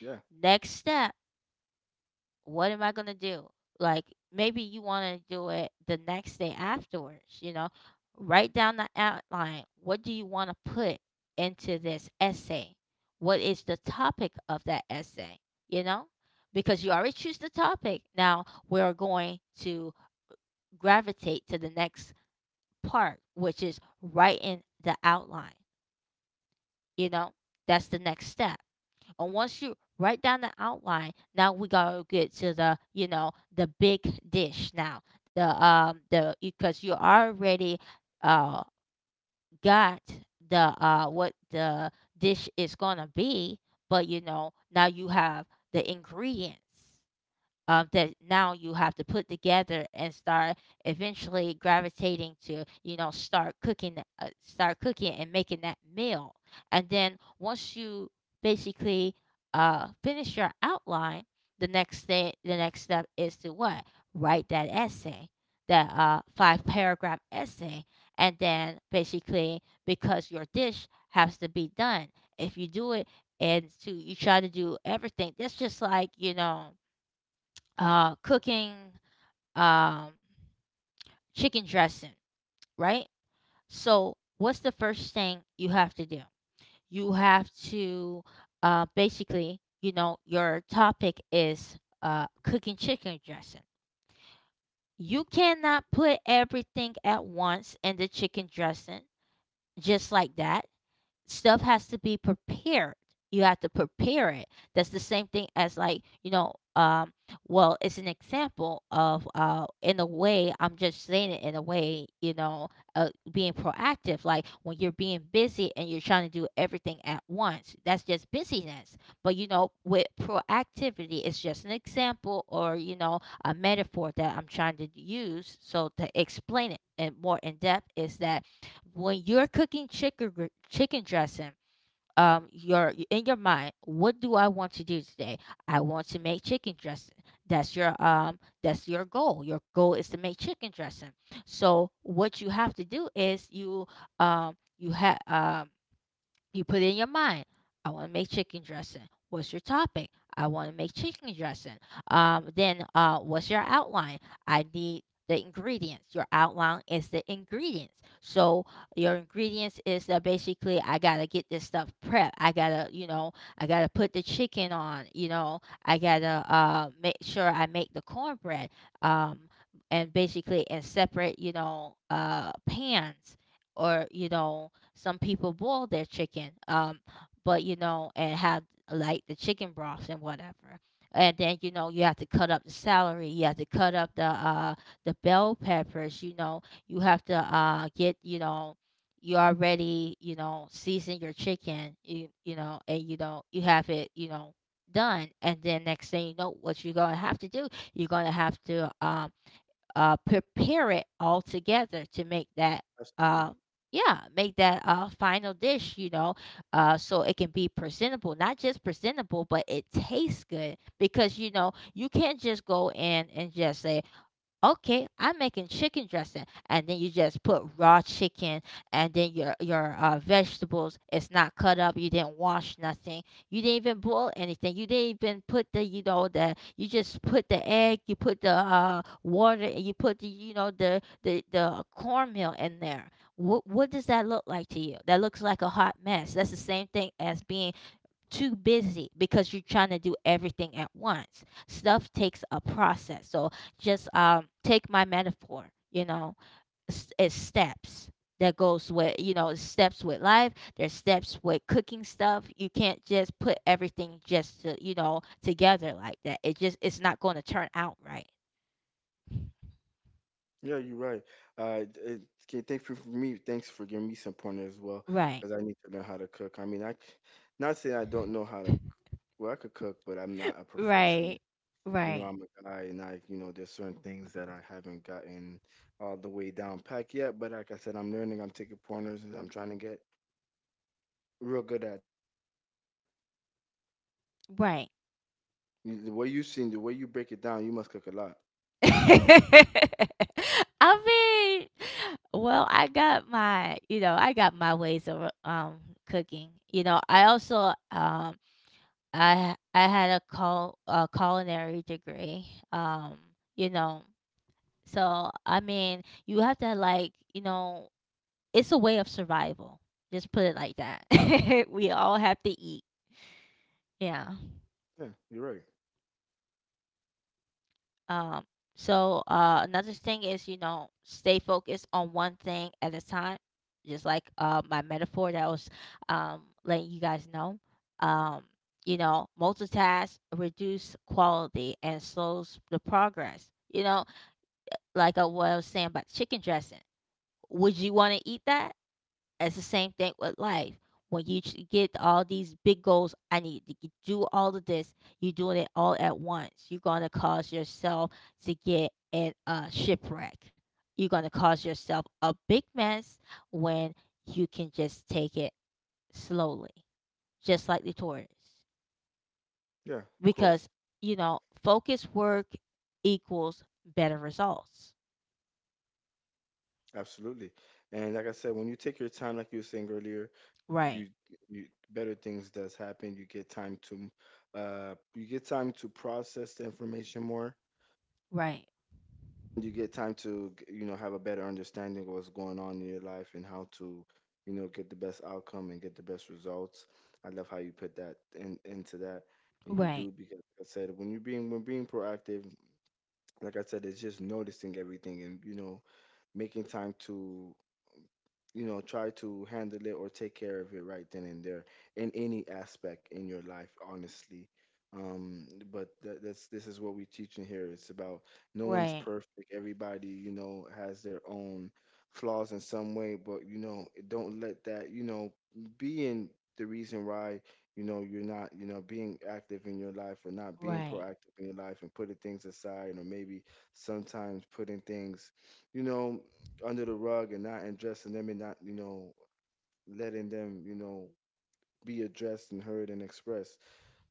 Yeah, Next step, what am I going to do? Like, maybe you want to do it the next day afterwards, you know? Write down the outline. What do you want to put into this essay? What is the topic of that essay, you know? Because you already choose the topic. Now we're going to gravitate to the next part, which is writing the outline, you know? That's the next step. And once you write down the outline, now we gotta get to the you know the big dish now. The Because you already uh got the dish is gonna be, but now you have the ingredients that now you have to put together, and start eventually gravitating to start cooking and making that meal. And then once you basically finish your outline, the next step is to what? Write that essay, that five paragraph essay. And then basically, because your dish has to be done, if you do it and to you try to do everything, that's just like, cooking um, chicken dressing, right? So, what's the first thing you have to do? You have to basically, you know, Your topic is cooking chicken dressing. You cannot put everything at once in the chicken dressing just like that. Stuff has to be prepared. You have to prepare it. That's the same thing as, like, well, it's an example of in a way. I'm just saying it in a way, being proactive. Like when you're being busy and you're trying to do everything at once, that's just busyness. But with proactivity, it's just an example or, a metaphor that I'm trying to use. So, to explain it and more in depth is that when you're cooking chicken dressing, your, in your mind, what do I want to do today? I want to make chicken dressing. That's your goal. Your goal is to make chicken dressing. So what you have to do is, um you have um you put in your mind, I want to make chicken dressing. What's your topic? I want to make chicken dressing. Then what's your outline? I need the ingredients. Your outline is the ingredients. So your ingredients is that basically I gotta get this stuff prepped. I gotta put the chicken on. I gotta make sure I make the cornbread. Um, and basically in separate, pans, or some people boil their chicken, but and have like the chicken broths and whatever. And then you have to cut up the celery, you have to cut up the bell peppers. You have to get, you already, season your chicken. You know and you have it, done. And then next thing you know, what you're gonna have to do, you're gonna have to prepare it all together to make that absolutely. uh, yeah, make that final dish, you know. So it can be presentable. Not just presentable, but it tastes good, because you know you can't just go in and just say, okay, I'm making chicken dressing, and then you just put raw chicken, and then your vegetables. It's not cut up. You didn't wash nothing. You didn't even boil anything. You didn't even put the, the, you just put the egg. You put the water. And You put the, the the cornmeal in there. What does that look like to you? That looks like a hot mess. That's the same thing as being too busy because you're trying to do everything at once. Stuff takes a process. So, just take my metaphor. You know, it's steps that goes with, it's steps with life. There's steps with cooking stuff. You can't just put everything just to, together like that. It just, it's not going to turn out right. Yeah, you're right. Uh, d- uh, okay, thanks for giving me some pointers as well, Right. because I need to know how to cook. I mean, not saying I don't know how to. Well, I could cook, but I'm not a perfectionist. Right. You know, Right. I'm a guy, and I, you know, there's certain things that I haven't gotten all the way down pack yet. But like I said, I'm learning. I'm taking pointers, and I'm trying to get real good at it. Right. The way you seen, the way you break it down, you must cook a lot. I mean, well, I got my, I got my ways of cooking. You know, I also I had a call a culinary degree. Um, you know, so I mean, you have to, like, it's a way of survival. Just put it like that. We all have to eat. Yeah. Yeah, you're right. Um, so another thing is, you know, stay focused on one thing at a time. Just like my metaphor that I was letting you guys know. Um, you know, multitask reduce quality and slows the progress. You know, like what I was saying about chicken dressing. Would you want to eat that? It's the same thing with life. When you get all these big goals, I need to do all of this. You're doing it all at once. You're going to cause yourself to get in a shipwreck. You're going to cause yourself a big mess when you can just take it slowly, just like the tortoise. Yeah, of course. Because, you know, focused work equals better results. Absolutely. And like I said, when you take your time, like you were saying earlier, Right, you you better things does happen. You get time to you get time to process the information more. right, You get time to you know have a better understanding of what's going on in your life and how to, you know, get the best outcome and get the best results. I love how you put that in into that. And you right, do because like I said, when being proactive, like I said, it's just noticing everything and, you know, making time to, you know, try to handle it or take care of it right then and there in any aspect in your life, honestly. um but that, that's this is what we teach in here. It's about no one's right, perfect. Everybody, you know, has their own flaws in some way. But you know, don't let that, you know, being the reason why, you know, you're not, you know, being active in your life or not being right. proactive in your life, and putting things aside, or maybe sometimes putting things, you know, under the rug, and not addressing them, and not, you know, letting them, you know, be addressed and heard and expressed.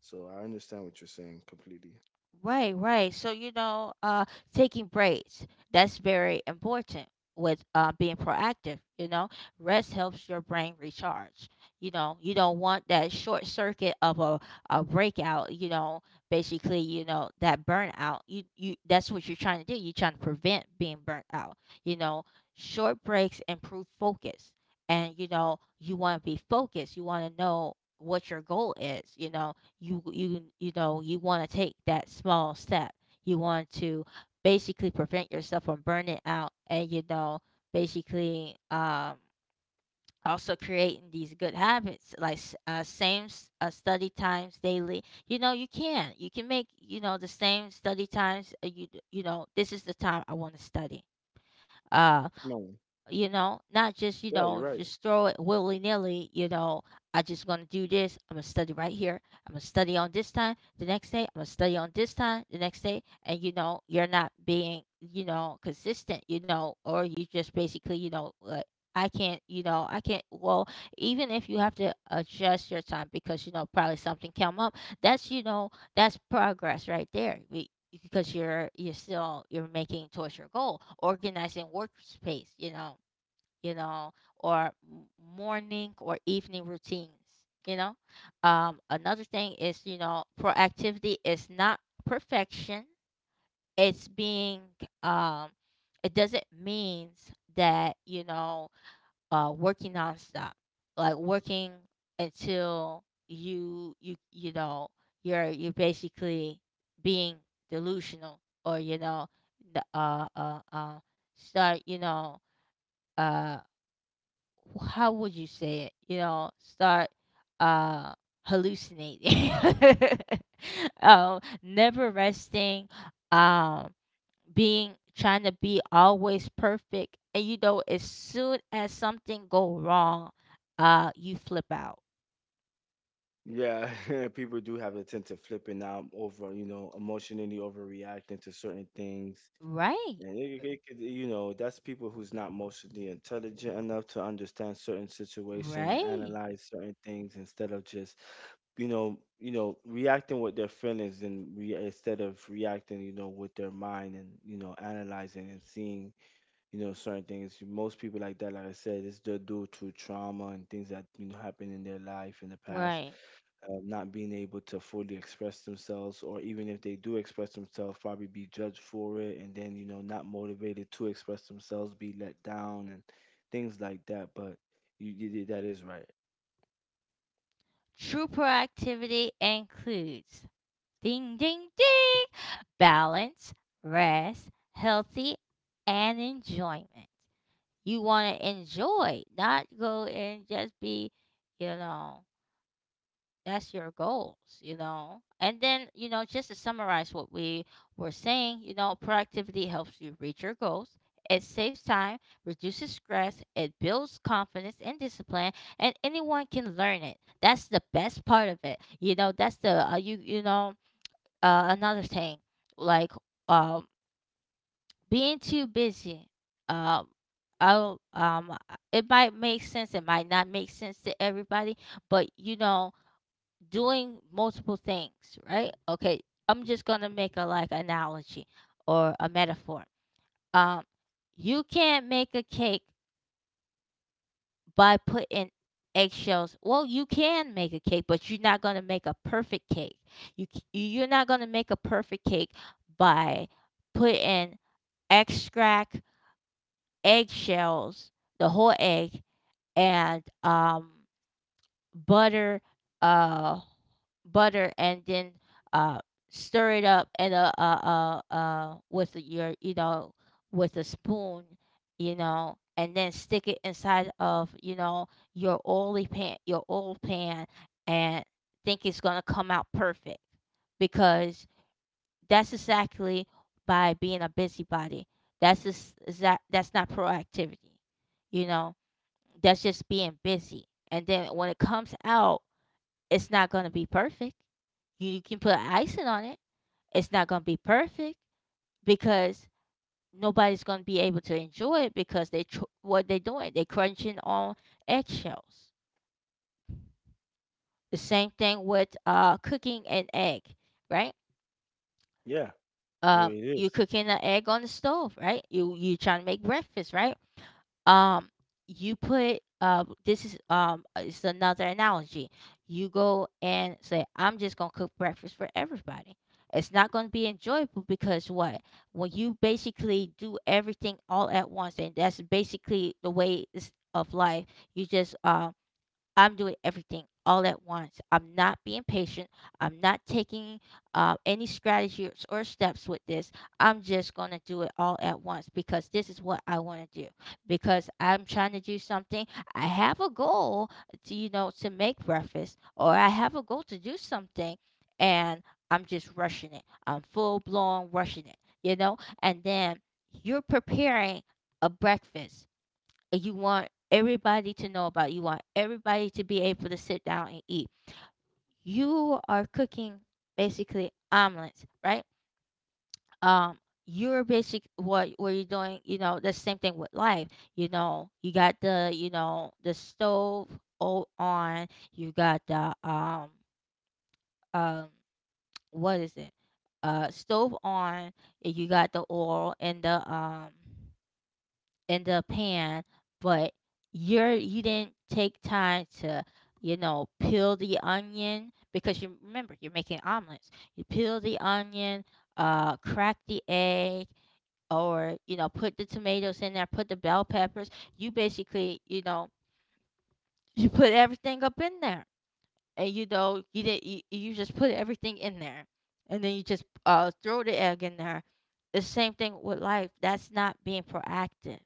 So I understand what you're saying completely. Right, right. So, you know, taking breaks, that's very important with being proactive. You know, rest helps your brain recharge. You know, you don't want that short circuit of a breakout. You know, basically, you know that burnout. You that's what you're trying to do. You're trying to prevent being burnt out. You know, short breaks improve focus, and you know you want to be focused. You want to know what your goal is. You know, you want to take that small step. You want to basically prevent yourself from burning out, and you know, basically, also creating these good habits, like same study times daily. You know, you can, you can make, the same study times. You, you know, this is the time I want to study. uh No, you know, not just, yeah, you're right. just throw it willy nilly, I just gonna do this, I'm gonna study right here, I'm gonna study on this time, the next day, I'm gonna study on this time, the next day, and, you're not being, consistent, or you just basically, like, I can't, I can't. Well, even if you have to adjust your time because, probably something come up, that's, that's progress right there. We, because you're still you're making towards your goal. Organizing workspace, you know, or morning or evening routines, you know. Another thing is, you know, proactivity is not perfection. It's being, um, it doesn't mean that, working nonstop, like working until you know, you're basically being delusional, or, the, start, uh, how would you say it? You know, start uh hallucinating. Never resting, um, being trying to be always perfect. And you know, as soon as something go wrong, you flip out. Yeah, people do have a tend to flipping out over, you know, emotionally overreacting to certain things. Right, And you know, that's people who's not emotionally intelligent enough to understand certain situation and right, analyze certain things instead of just, you know, you know, reacting with their feelings, and instead of reacting, you know, with their mind, and, you know, analyzing and seeing, you know, certain things. Most people like that, like I said, it's just due to trauma and things that, you know, happened in their life in the past. right. Not being able to fully express themselves, or even if they do express themselves, probably be judged for it, and then, you know, not motivated to express themselves, be let down, and things like that. But you that is right. True proactivity includes ding ding ding balance, rest, healthy, and enjoyment. You want to enjoy, not go and just be, you know, that's your goals, you know. And then, just to summarize what we were saying, productivity helps you reach your goals. It saves time, reduces stress, it builds confidence and discipline, and anyone can learn it. That's the best part of it. You know, that's the another thing, like, um being too busy. um I'll, um uh, it might make sense, it might not make sense to everybody, but, doing multiple things, right? Okay, I'm just gonna make a, like, analogy or a metaphor. um you can't make a cake by putting eggshells. Well, you can make a cake, but you're not gonna make a perfect cake. You're not gonna make a perfect cake by putting extract, eggshells, the whole egg, and butter, uh, butter, and then uh, stir it up, and with your, with a spoon, you know, and then stick it inside of, your oily pan, your oil pan, and think it's gonna come out perfect, because that's exactly by being a busybody. That's just, is that, that's not proactivity. You know, that's just being busy. And then when it comes out, it's not going to be perfect. You can put icing on it. It's not going to be perfect because nobody's going to be able to enjoy it, because they what they're doing, they're crunching on eggshells. The same thing with cooking an egg, right? Yeah, it You is cooking an egg on the stove, right? You trying to make breakfast, right? Um, you put this is it's another analogy. You go and say, I'm just gonna cook breakfast for everybody. It's not gonna be enjoyable because what? When you basically do everything all at once, and that's basically the way of life. You just I'm doing everything all at once. I'm not being patient. I'm not taking any strategies or steps with this. I'm just going to do it all at once because this is what I want to do. Because I'm trying to do something. I have a goal to, to make breakfast, or I have a goal to do something, and I'm just rushing it. I'm full blown rushing it, you know? And then you're preparing a breakfast you want everybody to know about. You want everybody to be able to sit down and eat. You are cooking basically omelets, right? Um, you're basic what you're doing. You know, the same thing with life. You know, you got the, the stove on. You got the um what is it? Stove on. And You got the oil and the in the pan, but you're, you didn't take time to, you know, peel the onion because you remember you're making omelets. You peel the onion, crack the egg, or, put the tomatoes in there, put the bell peppers. You basically, you put everything up in there, and you know you didn't you, you just put everything in there, and then you just throw the egg in there. The same thing with life, that's not being proactive.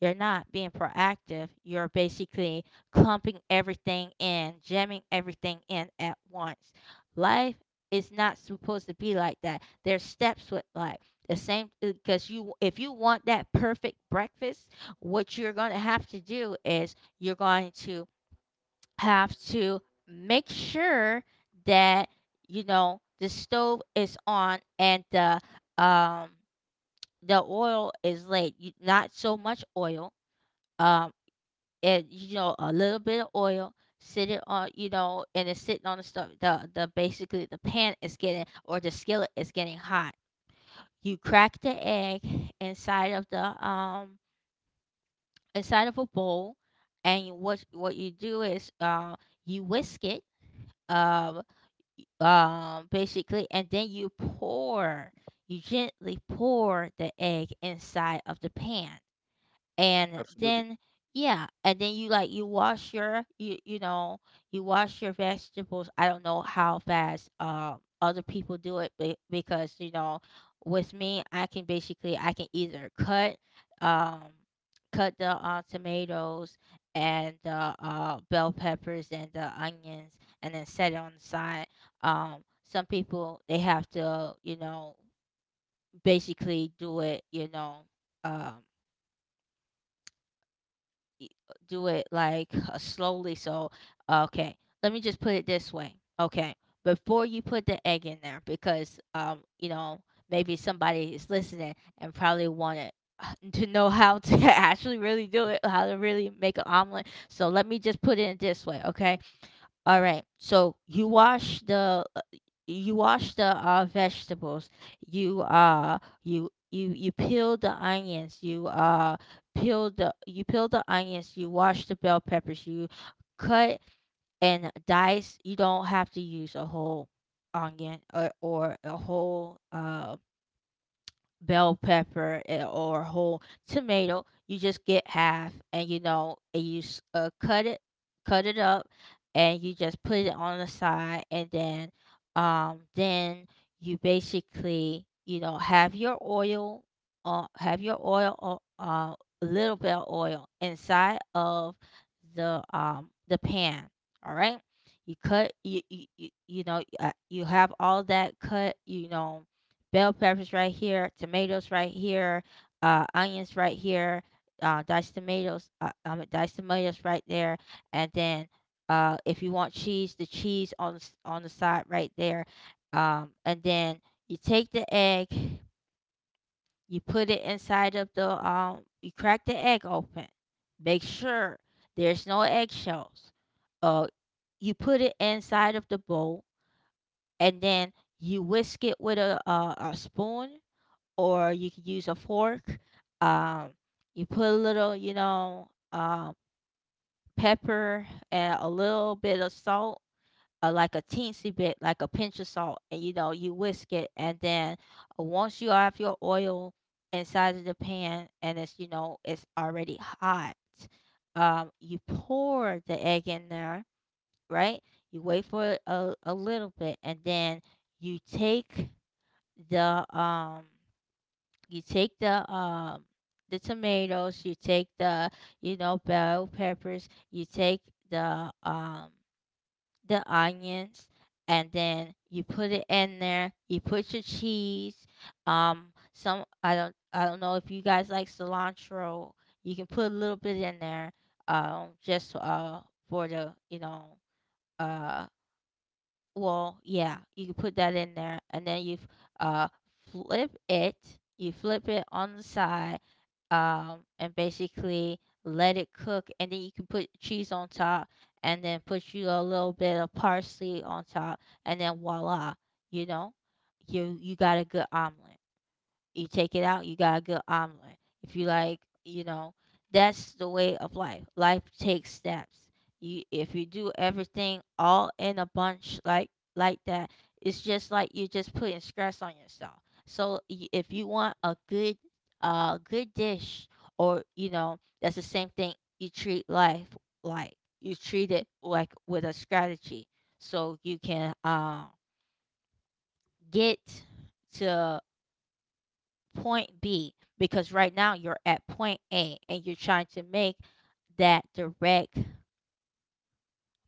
You're not being proactive, you're basically clumping everything in, jamming everything in at once. Life is not supposed to be like that. There's steps with life, the same. Because you if you want that perfect breakfast, what you're going to have to do is you're going to have to make sure that, you know, the stove is on and um the oil is laid. Not so much oil. Um, and you know, a little bit of oil sitting on, you know, and it's sitting on the stove. The basically the pan is getting, or the skillet is getting hot. You crack the egg inside of the inside of a bowl, and what you do is, you whisk it. Um, basically, and then you pour, you gently pour the egg inside of the pan, and absolutely. then yeah. And then you like, you wash your, you know, you wash your vegetables. I don't know how fast other people do it, because you know, with me, I can basically, I can either cut, um cut the tomatoes and the bell peppers and the onions and then set it on the side. Some people, they have to, you know, basically do it, um. Do it like slowly. So, okay, let me just put it this way. Okay, before you put the egg in there, because you know, maybe somebody is listening and probably wanted to know how to actually really do it, how to really make an omelet. So let me just put it in this way. Okay, all right. So you wash the vegetables. You peel the onions. You peel the you peel the onions. You wash the bell peppers. You cut and dice. You don't have to use a whole or a whole bell pepper, or whole tomato. You just get half, and you know, and cut it up, and you just put it on the side, and then you basically, you know, have your oil, uh, have your oil, o- uh, little bit of oil inside of the pan. All right, you have all that cut, you know, bell peppers right here, tomatoes right here, onions right here, diced tomatoes right there, and then, if you want cheese, the cheese on the, on the side right there, and then you take the egg, you put it inside of the you crack the egg open, make sure there's no eggshells. Uh, you put it inside of the bowl, and then you whisk it with a spoon, or you could use a fork. Um, you put a little, you know, pepper and a little bit of salt, like a teensy bit, like a pinch of salt, and you know, you whisk it. And then, once you have your oil inside of the pan and it's, you know, it's already hot, you pour the egg in there, right? You wait for a little bit, and then you take the, um, you take the tomatoes, you take the, you know, bell peppers, you take the um the onions, and then you put it in there. You put your cheese. Some I don't know if you guys like cilantro. You can put a little bit in there. Just for the, uh well, yeah, you can put that in there, and then you uh flip it. You flip it on the side, and basically let it cook, and then you can put cheese on top, and then put you a little bit of parsley on top, and then voila, you know, you got a good omelet. You take it out, you got a good omelet. If you like, you know, that's the way of life. Life takes steps. You If you do everything all in a bunch like that, it's just like you're just putting stress on yourself. So if you want a good good dish, or you know, that's the same thing, you treat life like. You treat it like with a strategy, so you can, get to point B, because right now you're at point A and you're trying to make that direct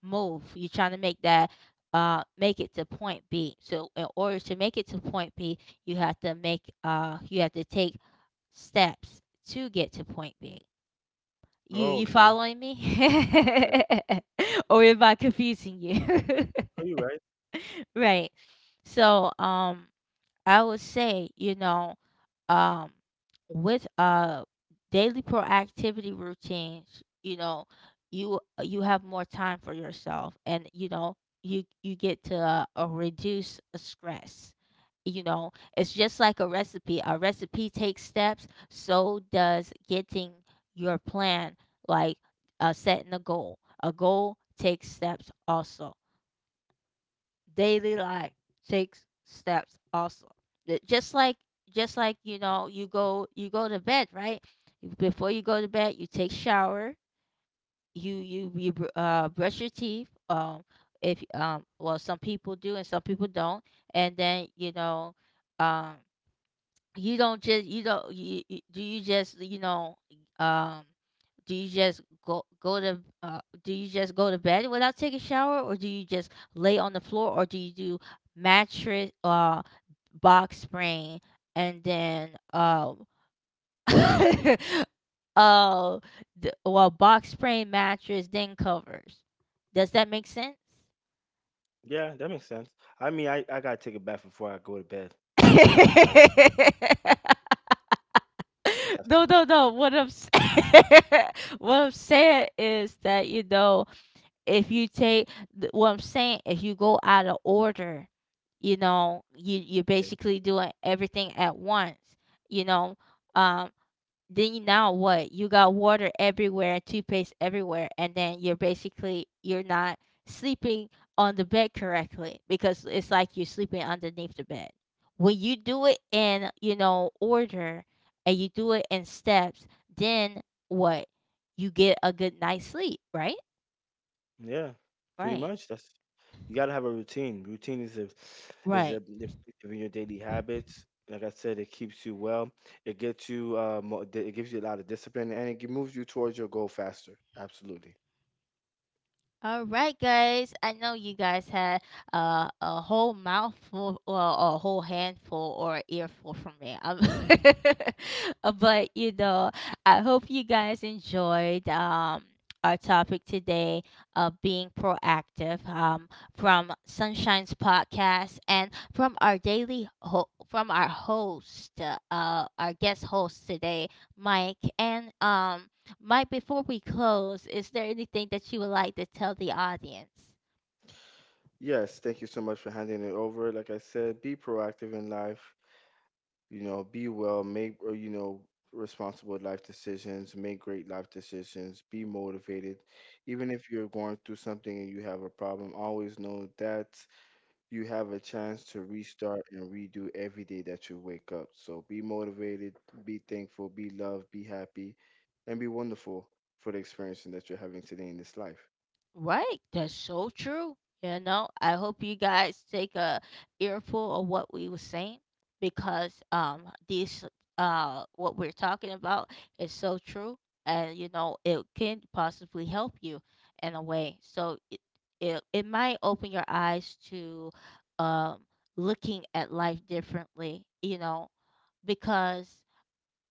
move. You're trying to make that, make it to point B. So in order to make it to point B, you have to make, you have to take steps to get to point B. Oh, You okay. following me? Yeah. Or am I confusing you? Are you right? Right. So I would say, you know, um with daily proactivity routines, you know, you have more time for yourself, and you know, you get to, reduce stress, you know. It's just like a recipe. A recipe takes steps, so does getting your plan, like, setting a goal. A goal takes steps also. Daily life takes steps also. Just like, you know, you go, you go to bed, right? Before you go to bed, you take shower, you brush your teeth. If, well, some people do and some people don't. And then, you know, um you don't just, you don't you, you do, you just, you know, um do you just go to, do you just go to bed without taking shower, or do you just lay on the floor, or do you do mattress, box spring, and then uh the, well, box spring, mattress, then covers. Does that make sense? Yeah, that makes sense. I mean, I gotta take a bath before I go to bed. That's how I have to. No, no, no. What I'm saying, what I'm saying is that, you know, if you take, what I'm saying, if you go out of order, you know, you're Okay. basically doing everything at once. You know, um, then you, now what? You got water everywhere, toothpaste everywhere, and then you're basically you're not sleeping on the bed correctly, because it's like you're sleeping underneath the bed. When you do it in, you know, order, and you do it in steps, then what? You get a good night's sleep, right? Yeah, pretty Right. much. That's you gotta have a routine. Routine is a Right. effective in your daily habits. Like I said, it keeps you well. It gets you it gives you a lot of discipline, and it moves you towards your goal faster. Absolutely. All right, guys. I know you guys had, a whole mouthful, well, a whole handful or earful from me. But you know, I hope you guys enjoyed, our topic today of being proactive, from Sunshine's podcast, and from our daily from our host, our guest host today, Mike, and Mike, before we close, is there anything that you would like to tell the audience? Yes. Thank you so much for handing it over. Like I said, be proactive in life. You know, be well, make you know, responsible life decisions, make great life decisions, be motivated. Even if you're going through something and you have a problem, always know that you have a chance to restart and redo every day that you wake up. So be motivated, be thankful, be loved, be happy, and be wonderful for the experience that you're having today in this life. Right, that's so true. You know, I hope you guys take a earful of what we were saying, because this what we're talking about is so true, and you know, it can possibly help you in a way. So it, it might open your eyes to, um looking at life differently, you know, because,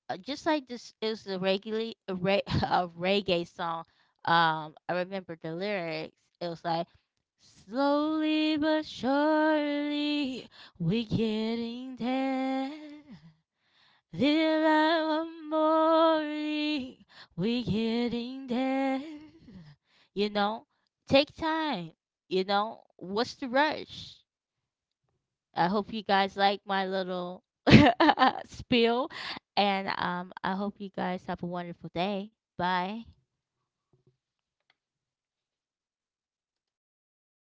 just like this is a regularly a reggae song. I remember the lyrics. It was like, slowly but surely, we're getting there. Little light one morning, we're getting there. You know, take time. You know, what's the rush? I hope you guys like my little spiel. And I hope you guys have a wonderful day. Bye.